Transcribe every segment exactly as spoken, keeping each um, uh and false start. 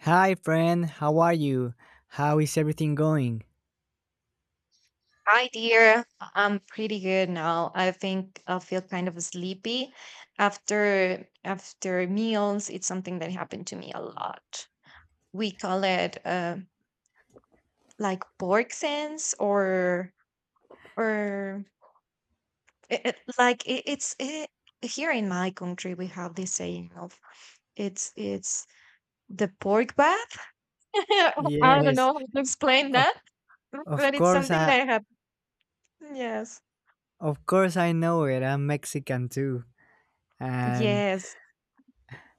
Hi, friend. How are you? How is everything going? Hi, dear. I'm pretty good now. I think I feel kind of sleepy after after meals. It's something that happened to me a lot. We call it uh, like pork sense, or or it, it- like it, it's it, here in my country we have this saying of it's it's the pork bath. I don't know Yes, how to explain of that, of but it's course something I that happened. Yes, of course I know it. I'm Mexican too, and yes.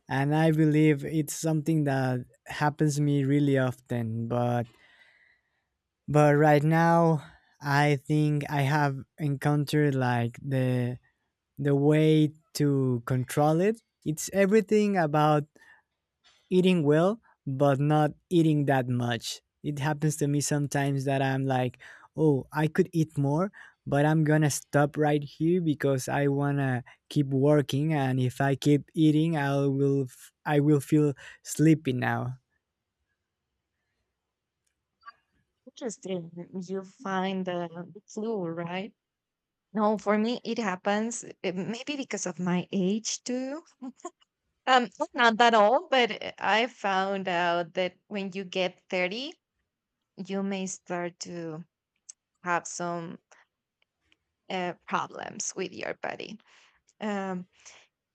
and I believe it's something that happens to me really often. But but right now, I think I have encountered like the the way to control it. It's everything about eating well, but not eating that much. It happens to me sometimes that I'm like, oh, I could eat more, but I'm gonna stop right here because I wanna keep working, and if I keep eating, I will f- I will feel sleepy now. Interesting. You find the the flu, right? No, for me it happens uh, maybe because of my age too. Um, I'm not that old, but uh, I found out that when you get thirty, you may start to have some uh, problems with your body. Um,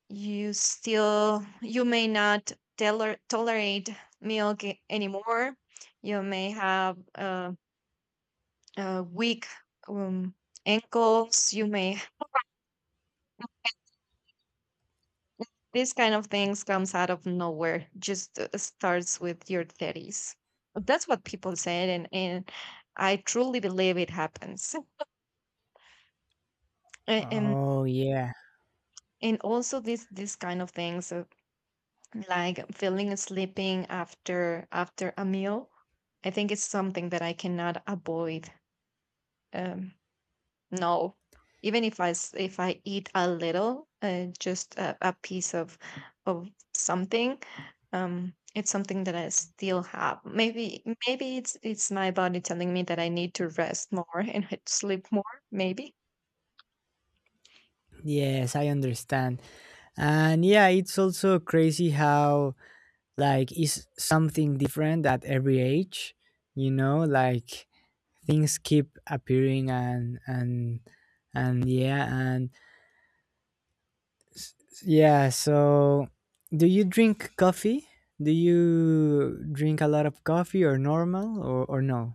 you still you may not teller tolerate milk a- anymore. You may have uh, uh, weak um, ankles. You may this kind of things comes out of nowhere. Just uh, starts with your thirties. That's what people said, and and I truly believe it happens. A- And Oh yeah. and also this this kind of things uh, like feeling sleeping after after a meal. I think it's something that I cannot avoid. Um, No, even if I s- if I eat a little, uh, just a, a piece of of something, um, it's something that I still have. Maybe maybe it's it's my body telling me that I need to rest more and sleep more. Maybe Yes, I understand. And yeah, it's also crazy how like it's something different at every age, you know, like things keep appearing and and and yeah and yeah so do you drink coffee, do you drink a lot of coffee or normal or, or no?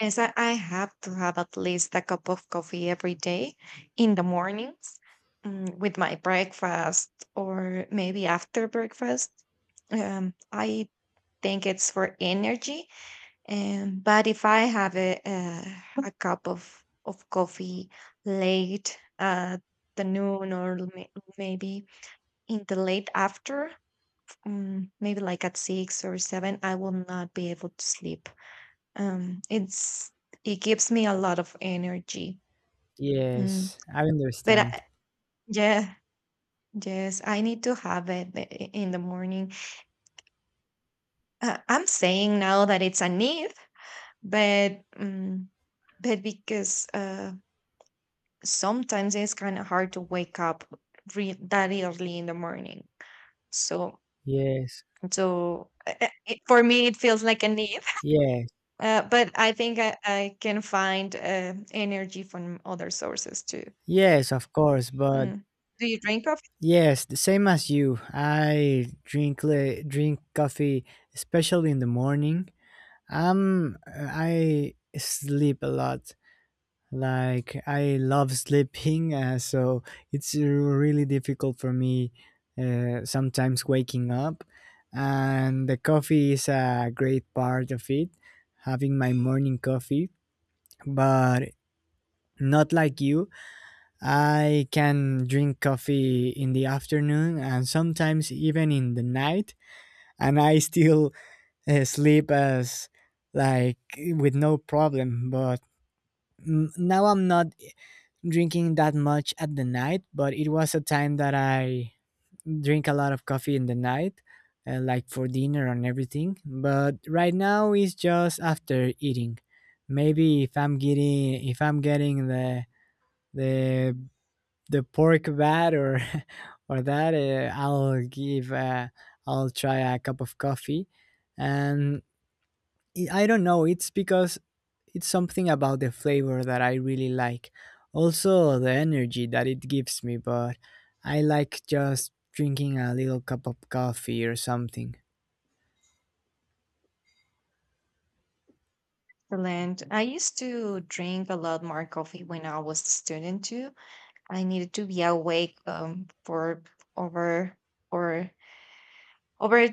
yes, I, I have to have at least a cup of coffee every day in the mornings, mm, with my breakfast or maybe after breakfast. Um, I think it's for energy. Um, but if I have a, a a cup of of coffee late at the noon or l- may- maybe in the late after, um, maybe like at six or seven, I will not be able to sleep. Um, it's it gives me a lot of energy. Mm, Yes, I but I, understand. yeah, yes, I need to have it i- i- in the morning. Uh, I'm saying now that it's a need, but um, but because uh, sometimes it's kind of hard to wake up re- that early in the morning. So, Yes. so uh, uh, it, for me, it feels like a need. Yes. Uh, but I think I, I can find uh, energy from other sources too. Yes, of course. But Mm. Do you drink coffee? yes, the same as you, i drink le- drink coffee, especially in the morning. um I sleep a lot, like I love sleeping, uh, so it's really difficult for me, uh, sometimes waking up. And the coffee is a great part of it, having my morning coffee. But not like you, I can drink coffee in the afternoon and sometimes even in the night, and I still, uh, sleep as, like, with no problem. But n- now I'm not drinking that much at the night, but it was a time that I drink a lot of coffee in the night, uh, like for dinner and everything. But right now it's just after eating. Maybe if I'm getting if I'm getting the the the pork bat or, or that, uh, I'll give, uh, I'll try a cup of coffee. And I I don't know. It's because it's something about the flavor that I really like. Also, the energy that it gives me, but I like just drinking a little cup of coffee or something. Excellent. I used to drink a lot more coffee when I was a student too. I needed to be awake, um, for over or over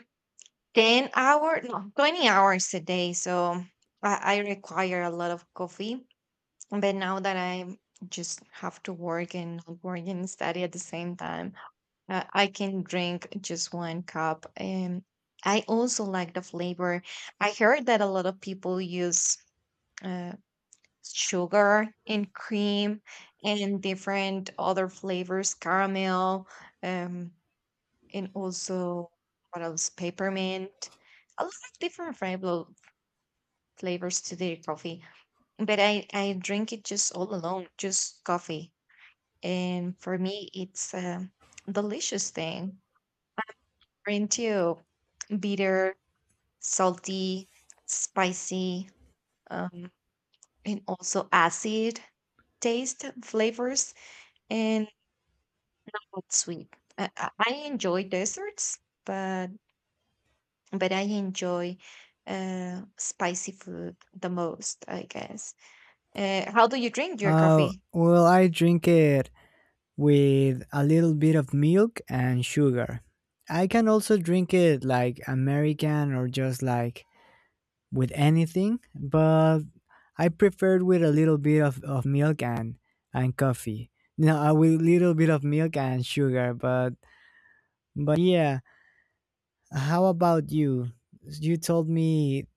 ten hours, no, twenty hours a day. So I, I require a lot of coffee. But now that I just have to work and not work and study at the same time, uh, I can drink just one cup. And I also like the flavor. I heard that a lot of people use uh, sugar and cream and different other flavors, caramel. Um, and also what else? Peppermint. A lot of different flavor flavors to the coffee, but I I drink it just all alone, just coffee, and for me it's a delicious thing. We're into bitter, salty, spicy, um, and also acid taste flavors and not sweet. I, I I enjoy desserts, but but I enjoy uh, spicy food the most, I guess. Uh, how do you drink your Uh, coffee? Well, I drink it with a little bit of milk and sugar. I can also drink it like American or just like with anything, but I prefer with a little bit of, of milk and, and coffee. No, uh, with a little bit of milk and sugar, but. But yeah, how about you? You told me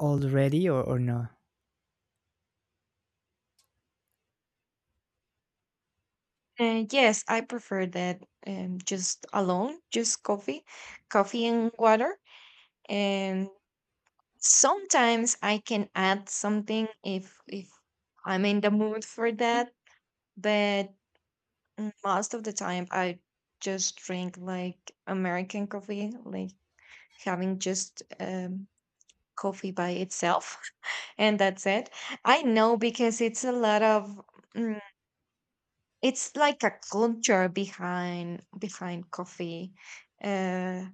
already, or, or no? Uh, yes, I prefer that, um, just alone, just coffee, coffee and water. And sometimes I can add something if if I'm in the mood for that. But mm, most of the time, I just drink like American coffee, like having just um, coffee by itself, and that's it. I know because it's a lot of, mm, it's like a culture behind behind coffee. Uh,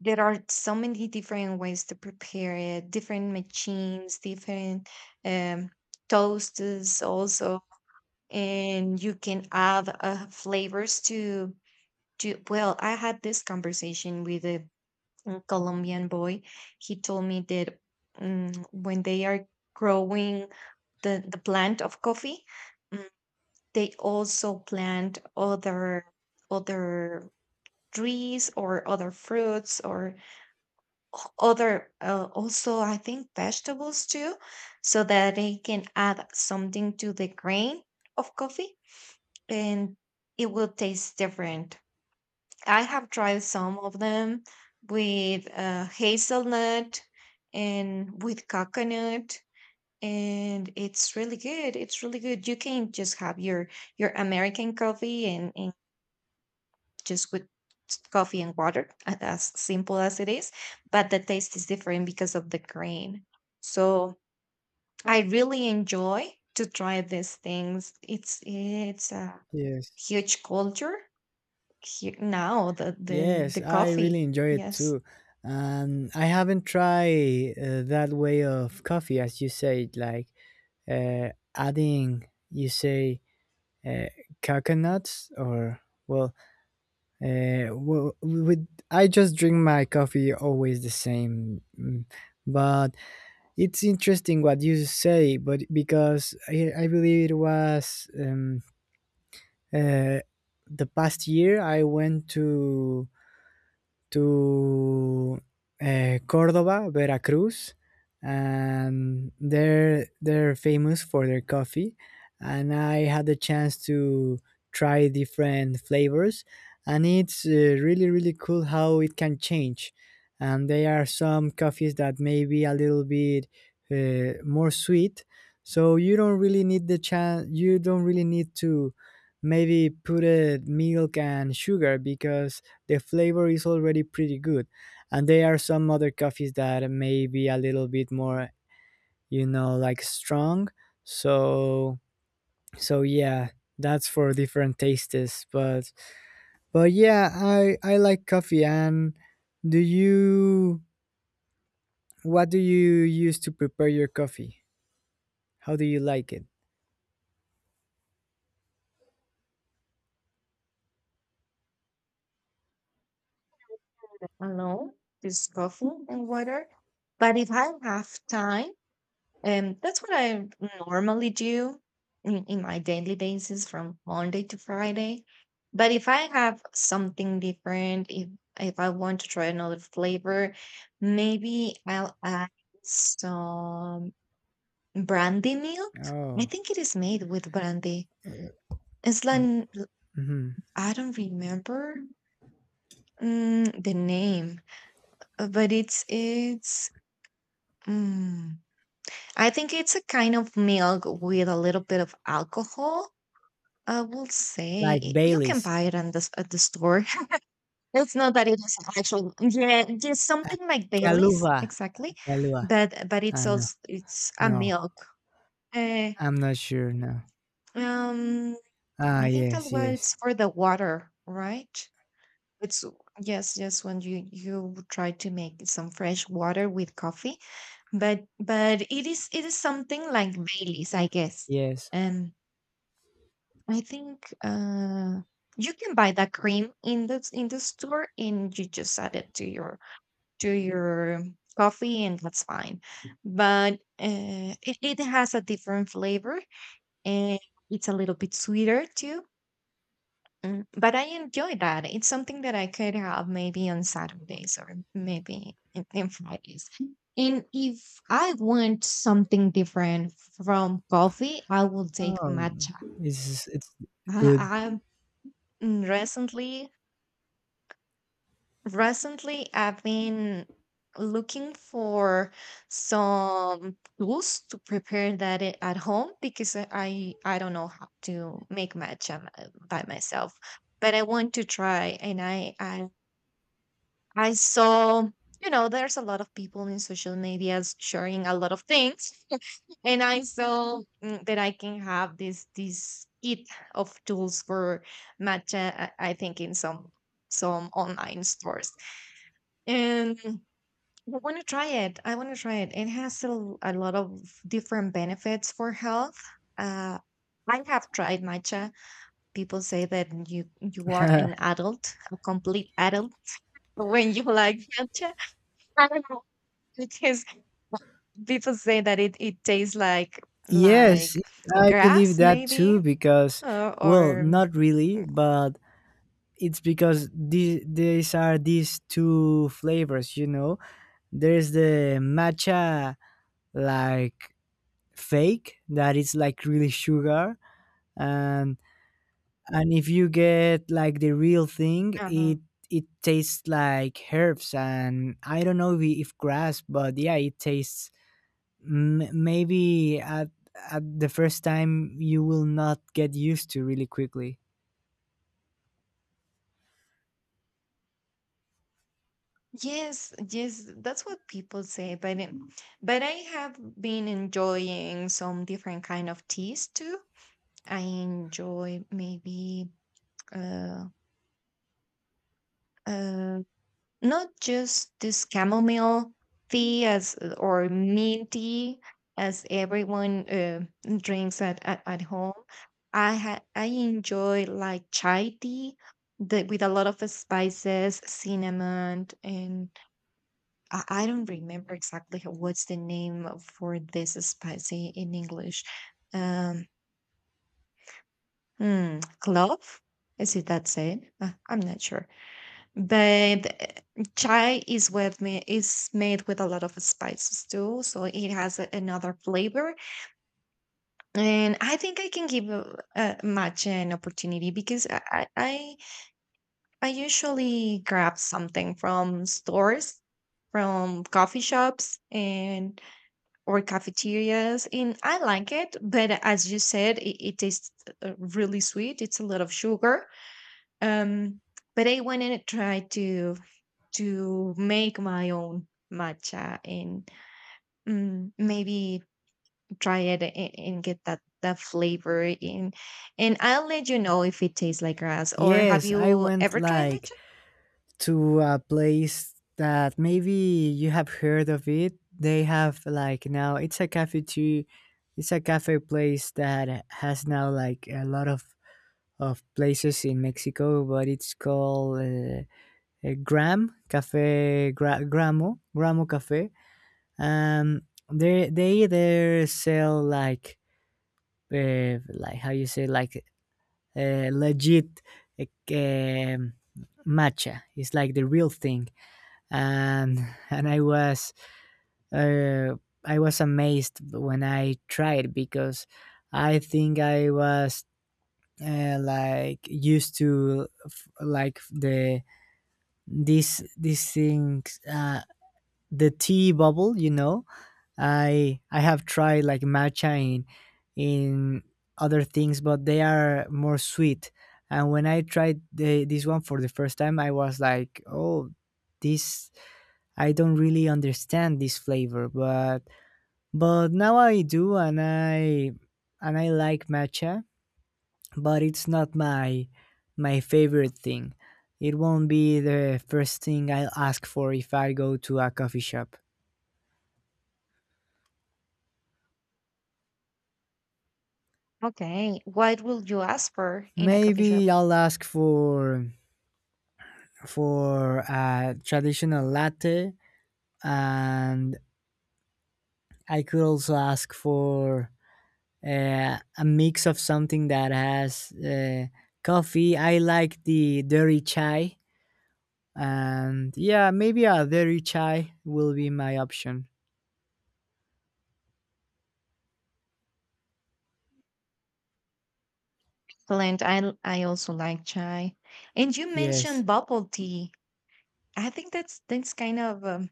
there are so many different ways to prepare it, different machines, different um, toasters also, and you can add uh, flavors to to. Well, I had this conversation with a a Colombian boy. He told me that, mm when they are growing the, the plant of coffee, mm, they also plant other other trees or other fruits or other uh, also I think vegetables too, so that they can add something to the grain of coffee, and it will taste different. I have tried some of them with uh, hazelnut and with coconut, and it's really good. It's really good. You can just have your your American coffee and, and just with s- coffee and water, a- as simple as it is, but the taste is different because of the grain. So I really enjoy to try these things. It's it's a Yes. huge culture here now, the the Yes, the I really coffee. enjoy it Yes. too. And I haven't tried uh, that way of coffee, as you said, like, uh, adding, you say, uh, coconuts, or, well, uh, well, with, I just drink my coffee always the same. mm, But. It's interesting what you say, but because I, I believe it was, um, uh, the past year I went to to uh, Cordoba, Veracruz, and they're they're famous for their coffee. And I had the chance to try different flavors, and it's, uh, really really cool how it can change. And there are some coffees that may be a little bit, uh, more sweet, so you don't really need the chance. You don't really need to maybe put, uh, milk and sugar because the flavor is already pretty good. And there are some other coffees that may be a little bit more, you know, like strong. So so yeah, that's for different tastes. But but yeah, I I like coffee. And do you, what do you use to prepare your coffee? How do you like it? Alone, just coffee and water. But if I have time, and that's what I normally do in, in my daily basis from Monday to Friday. But if I have something different, if if I want to try another flavor, maybe I'll add some brandy milk. I Oh, think it is made with brandy. It's like hmm, I don't remember, mm, the name, uh, but it's it's. Mm, I think it's a kind of milk with a little bit of alcohol. I will like say you can Bailey's. buy it at the s- at the store. It's not that it is actual. Yeah, it's Ah, something like Bailey's Kahlua, exactly, Kahlua. but but it's Ah no, also it's a no, milk. Uh, I'm not sure. No. um, Ah I think that, yes, well, yes, it's for the water, right? It's yes, yes. When you you try to make some fresh water with coffee, but but it is it is something like Bailey's, I guess. yes. Um I think uh, you can buy that cream in the in the store, and you just add it to your to your coffee, and that's fine. But uh, it it has a different flavor, and it's a little bit sweeter too. Mm, But I enjoy that. It's something that I could have maybe on Saturdays or maybe in, in Fridays. And if I want something different from coffee, I will take Um, matcha. it's it's good. I, I mm, recently Recently, I've been looking for some tools to prepare that I- at home because I I I don't know how to make matcha m- by myself, but I want to try. And I I I saw, you know, there's a lot of people in social medias sharing a lot of things, and I saw, mm, that I can have this this kit of tools for matcha. I, I think in some some online stores, and I want to try it. I want to try it. It has a, l- a lot of different benefits for health. Uh, I have tried matcha. People say that you you are an adult, a complete adult, when you like matcha. I don't know because people say that it it tastes like yes, like I believe grass, that maybe, too because, uh, well, or not really, but it's because these these are these two flavors, you know. There's the matcha like fake that is like really sugar, and and if you get like the real thing, uh it it tastes like herbs, and I don't know if, if grass, but yeah, it tastes, m- maybe at at the first time you will not get used to really quickly. yes, yes, that's what people say. But it, but I have been enjoying some different kind of teas too. I enjoy maybe uh, uh, not just this chamomile tea, as uh, or mint tea as everyone uh, drinks at, at, at home. I ha- I enjoy like chai tea, that with a lot of spices, cinnamon, and I, I don't remember exactly ho- what's the name of- for this spice i- in English. Um, hmm, clove? Is it that's it? Uh, I'm not sure. But uh, chai is with me is made with a lot of spices too, so it has a- another flavor. And I think I can give uh, uh, matcha an opportunity because I I I I usually grab something from stores, from coffee shops and or cafeterias, and I like it. But as you said, it, it tastes uh, really sweet. It's a lot of sugar, um, but I wanted to try to to make my own matcha and, mm, maybe try it and, and get that that flavor in. And I'll let you know if it tastes like grass. Or have Yes, I you went ever tried like matcha? to a place that maybe you have heard of it. They have like, now it's a cafe too. It's a cafe place that has now like a lot of of places in Mexico, but it's called, uh, uh, Gram Cafe, Gra- Gramo, Gramo Cafe. Um, they they there sell like, uh, like how you say, like, uh, legit, like, um, matcha, it's like the real thing. and and I was, uh, I was amazed when I tried because I think I was, uh, like used to, like the, this these things, uh the tea bubble, you know. I I have tried like matcha in in other things, but they are more sweet. And when I tried the, this one for the first time, I was like, "Oh, this, I don't really understand this flavor." But but now I do, and I and I like matcha, but it's not my my favorite thing. It won't be the first thing I'll ask for if I go to a coffee shop. Okay, what will you ask for in a coffee shop? Maybe I'll ask for for a traditional latte, and I could also ask for, uh, a mix of something that has, uh, coffee. I like the dairy chai, and yeah, maybe a dairy chai will be my option. Blend. I l- I also like chai, and you Yes. mentioned bubble tea. I think that's that's kind of um,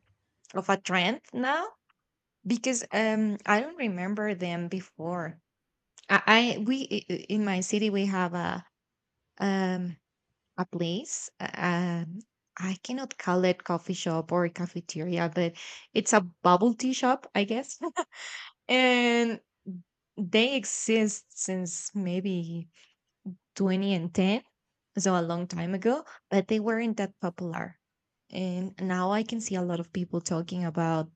of a trend now because um I don't remember them before. I, I we I- I- In my city we have a um a place uh, um I cannot call it coffee shop or cafeteria, but it's a bubble tea shop, I guess. And they exist since maybe twenty and ten, so a long time ago, but they weren't that popular, and now I can see a lot of people talking about,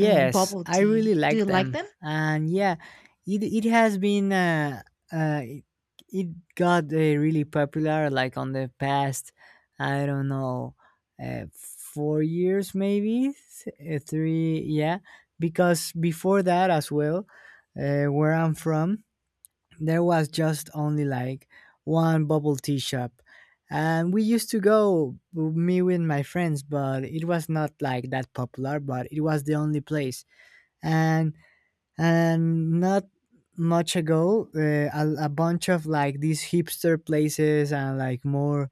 um, bubble I really tea. Do you like like them, them? and yeah, it it has been, uh, uh it, it got, uh, really popular like on the past, I don't know, uh, four years maybe, th- uh, three, yeah, because before that as well, uh, where I'm from, there was just only like one bubble tea shop. And we used to go, me with my friends, but it was not like that popular, but it was the only place. and and not much ago, uh, a, a bunch of like these hipster places and like more,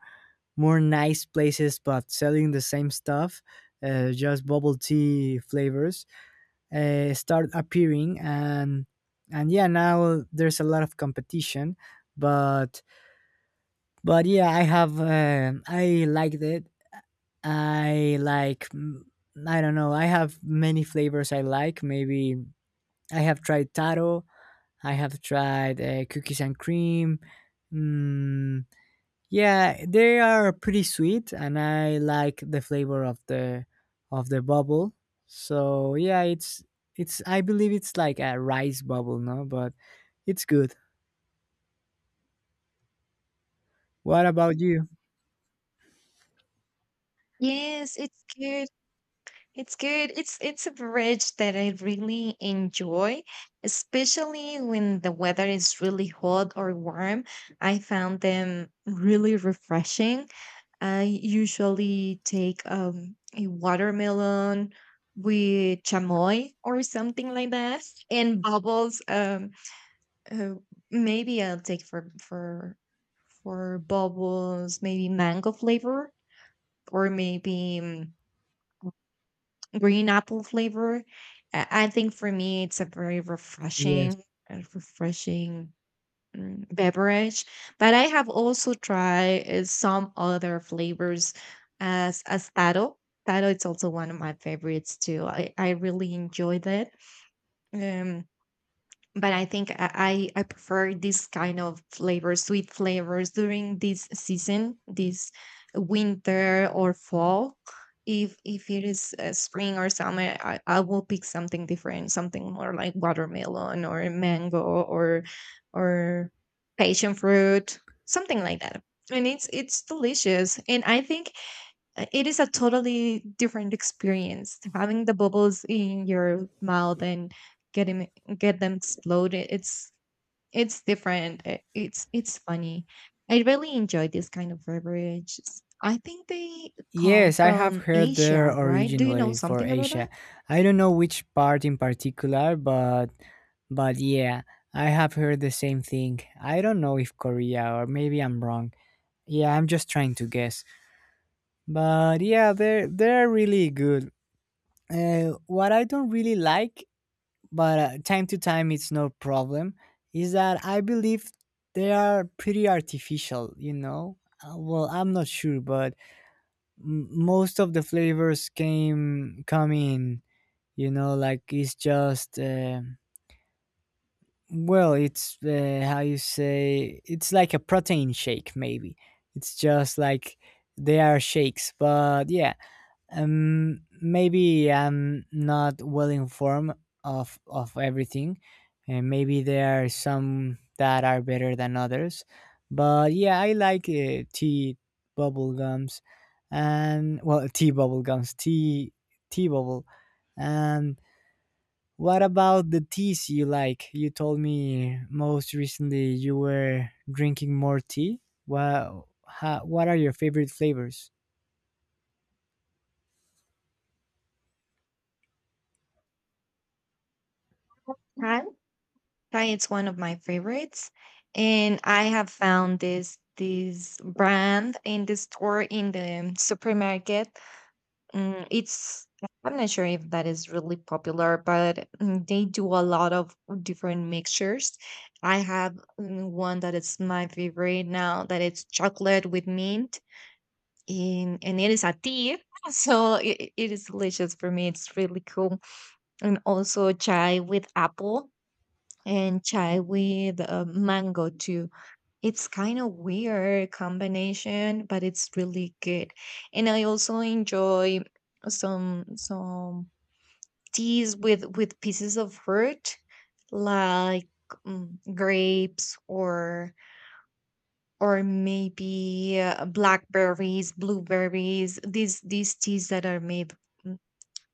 more nice places but selling the same stuff, uh, just bubble tea flavors, uh, start appearing. and and yeah, now there's a lot of competition, but but yeah, I have, uh, I liked it. I like, mm, I don't know, I have many flavors I like. Maybe I have tried taro, I have tried, uh, cookies and cream. Mm, yeah, they are pretty sweet, and I like the flavor of the, of the bubble. So yeah, it's, it's. I believe it's like a rice bubble, no? But it's good. What about you? Yes, it's good. It's good. It's it's a beverage that I really enjoy, especially when the weather is really hot or warm. I found them really refreshing. I usually take, um, a watermelon with chamoy or something like that, and bubbles. Um, uh, maybe I'll take for for for bubbles, maybe mango flavor, or maybe, mm, green apple flavor. I I think for me, it's a very Yes. refreshing, a refreshing, mm, beverage. But I have also tried uh, some other flavors as as taro. Taro, it's also one of my favorites too. I, I really enjoyed it. Um, but I think I I I prefer this kind of flavors, sweet flavors during this season, this winter or fall. If if it is uh, spring or summer, I, I will pick something different, something more like watermelon or mango or or passion fruit, something like that. And it's it's delicious, and I think uh, it is a totally different experience having the bubbles in your mouth and getting get them exploded it's it's different. i- It's it's funny. I really enjoy this kind of beverages. I think they come Yes, I have from heard Asia, they're right? Do you know originally for something about Asia. that? I don't know which part in particular, but but yeah, I have heard the same thing. I don't know if Korea, or maybe I'm wrong. Yeah, I'm just trying to guess. But yeah, they're they're really good. Uh, what I don't really like, but, uh, time to time it's no problem, is that I believe they are pretty artificial. You know, uh, well I'm not sure, but, m- most of the flavors came come in. You know, like it's just, uh, well, it's, uh, how you say, it's like a protein shake. Maybe it's just like they are shakes, but yeah. Um maybe I'm not well informed of of everything, and maybe there are some that are better than others, but yeah, I like, uh, tea bubble gums. And, well, tea bubble gums tea, tea bubble. And what about the teas you like? You told me most recently you were drinking more tea. Well, how, what are your favorite flavors? Thai? Thai is one of my favorites, and I have found this this brand in the store in the supermarket. Mm, it's I'm not sure if that is really popular, but mm, they do a lot of different mixtures. I have mm, one that is my favorite now that it's chocolate with mint, and and it is a tea so it, it is delicious for me, it's really cool, and also chai with apple, and chai with uh, mango too. It's kind of weird combination, but it's really good. And I also enjoy some some teas with with pieces of fruit like mm, grapes or or maybe uh, blackberries, blueberries, these these teas that are made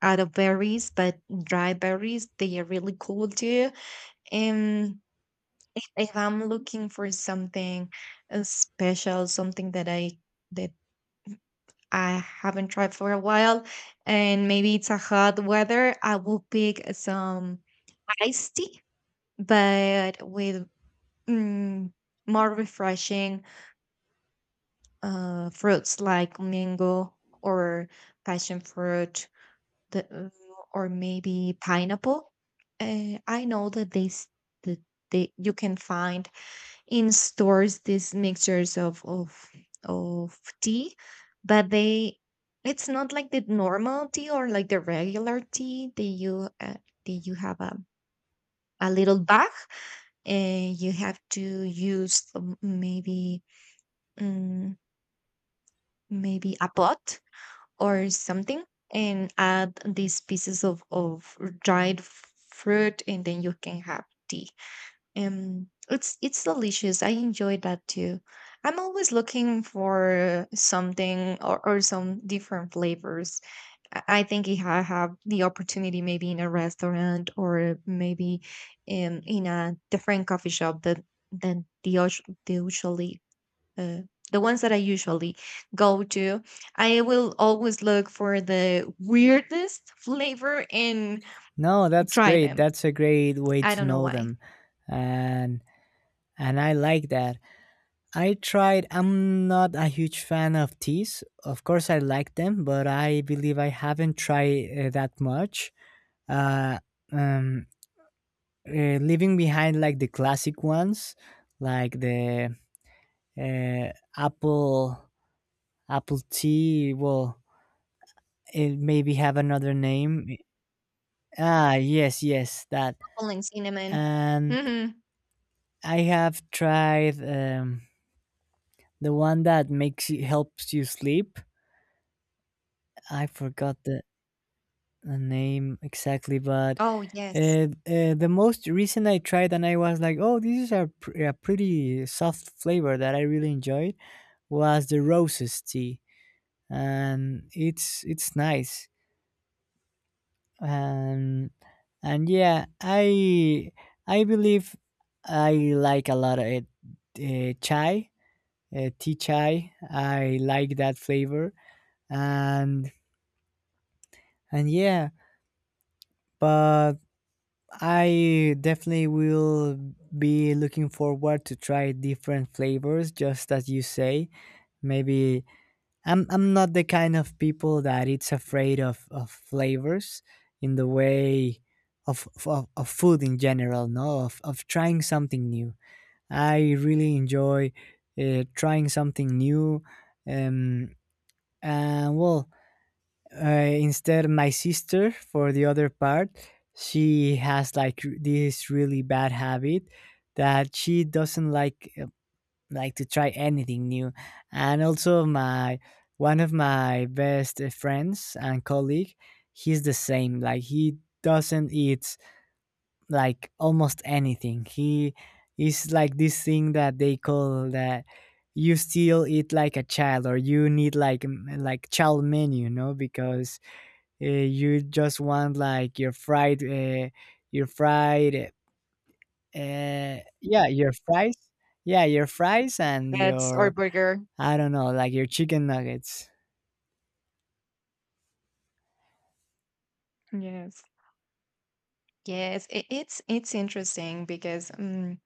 out of berries, but dry berries, they are really cool too. And if I'm looking for something uh, special, something that I that I haven't tried for a while, and maybe it's a hot weather, I will pick some iced tea, but with mm, more refreshing uh, fruits like mango or passion fruit the, uh, or maybe pineapple. Uh, I know that they, s- that they, you can find in stores these mixtures of of of tea, but they it's not like the normal tea or like the regular tea that you uh, that you have a, a little bag, and you have to use um, maybe um, maybe a pot or something and add these pieces of, of dried f- fruit, and then you can have tea. Um it's it's delicious, I enjoy that too. I'm always looking for something or, or some different flavors. i I think if I have the opportunity, maybe in a restaurant or maybe um, in a different coffee shop that than the us- the usually uh, the ones that I usually go to, I will always look for the weirdest flavor and No, that's try great. them. That's a great way I to don't know know why. them. And and I like that. I tried, I'm not a huge fan of teas. Of course I like them, but I believe I haven't tried, uh, that much. Uh um uh, Leaving behind like the classic ones, like the, uh, apple, apple tea, well, it maybe have another name. Ah, yes, yes, that. Apple and cinnamon. And Hmm. I have tried, um, the one that makes you, helps you sleep. I forgot the, the name exactly, but, Oh uh, yes. uh, the most recent I tried and I was like, oh, this is a, pr- a pretty soft flavor that I really enjoyed, was the roses tea. And it's it's nice. and and yeah, I I believe I like a lot of it, uh, chai, uh, tea chai. I like that flavor, and and yeah. But I definitely will be looking forward to try different flavors, just as you say. Maybe I'm I'm not the kind of people that it's afraid of of flavors in the way of of, of food in general. No, of of trying something new. I really enjoy, uh, trying something new. Um, and well, uh, instead my sister for the other part, she has like, r- this really bad habit that she doesn't like, uh, like to try anything new. And also my, one of my best, uh, friends and colleague, he's the same, like he doesn't eat like almost anything. He is like this thing that they call that, you still eat like a child, or you need like, m- like child menu, you know, because, uh, you just want like your fried, uh, your fried uh, yeah your fries, yeah your fries and That's our your, burger. I don't know, like your chicken nuggets. Yes, yes. It, it's it's interesting because um,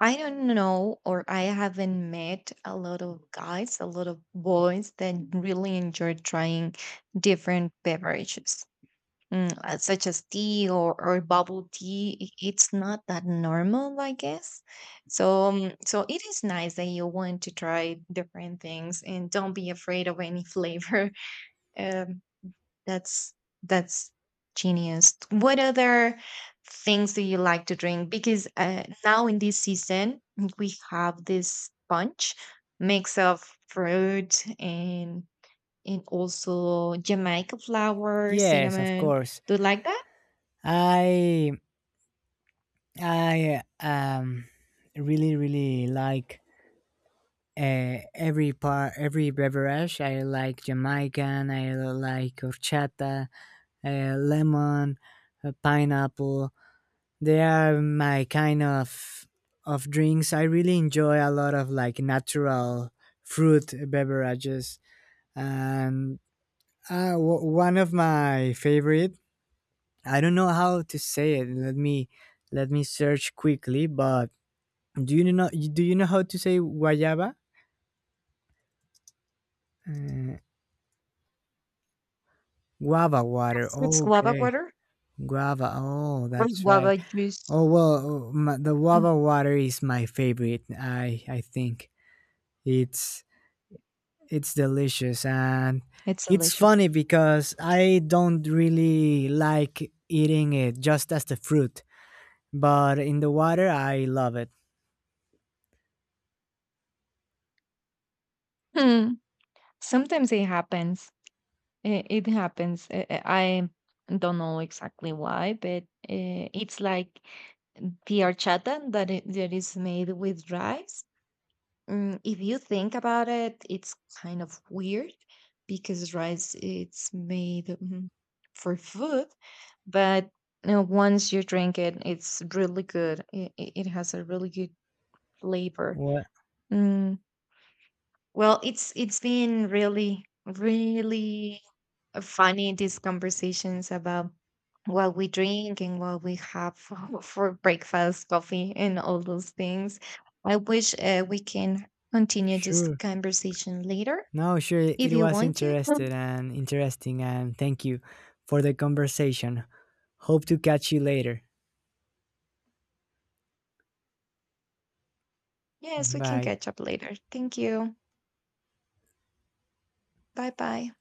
I don't know, or I haven't met a lot of guys, a lot of boys that really enjoy trying different beverages. Mm, uh, such as tea or, or bubble tea, i- it's not that normal, I guess. So, um, so it is nice that you want to try different things and don't be afraid of any flavor. Um, that's that's genius. What other things do you like to drink? Because uh, now in this season, we have this punch mix of fruit and and also Jamaica flower, Yes, of cinnamon. course. Do you like that? I i um really really like, uh, every part, every beverage. I like jamaican, I like horchata, uh, lemon, uh, pineapple. They are my kind of of drinks. I really enjoy a lot of like natural fruit beverages. And, uh, w- one of my favorite, I don't know how to say it. Let me, let me search quickly. But do you know, do you know how to say guayaba? Uh, guava water. It's guava Okay, water guava. Oh, or that's right. guava juice. Oh well, my, the Mm, guava water is my favorite. I I think it's It's delicious. And it's it's delicious. funny because I don't really like eating it just as the fruit, but in the water I love it. Hmm. Sometimes it happens. It, it happens. I, I I don't know exactly why, but uh, it's like the horchata that it, that is made with rice. Mm, if you think about it, it's kind of weird because rice it's made mm, for food, but you know, once you drink it, it's really good. It, it it has a really good flavor. Well, Mm, well, it's it's been really, really funny, these conversations about what we drink and what we have for, for breakfast, coffee, and all those things. I wish uh, we can continue this sure. conversation later No, sure. if It you was want to. Mm. interested and interesting, and thank you for the conversation. Hope to catch you later. Yes, we can Bye. catch up later. Thank you. Bye bye.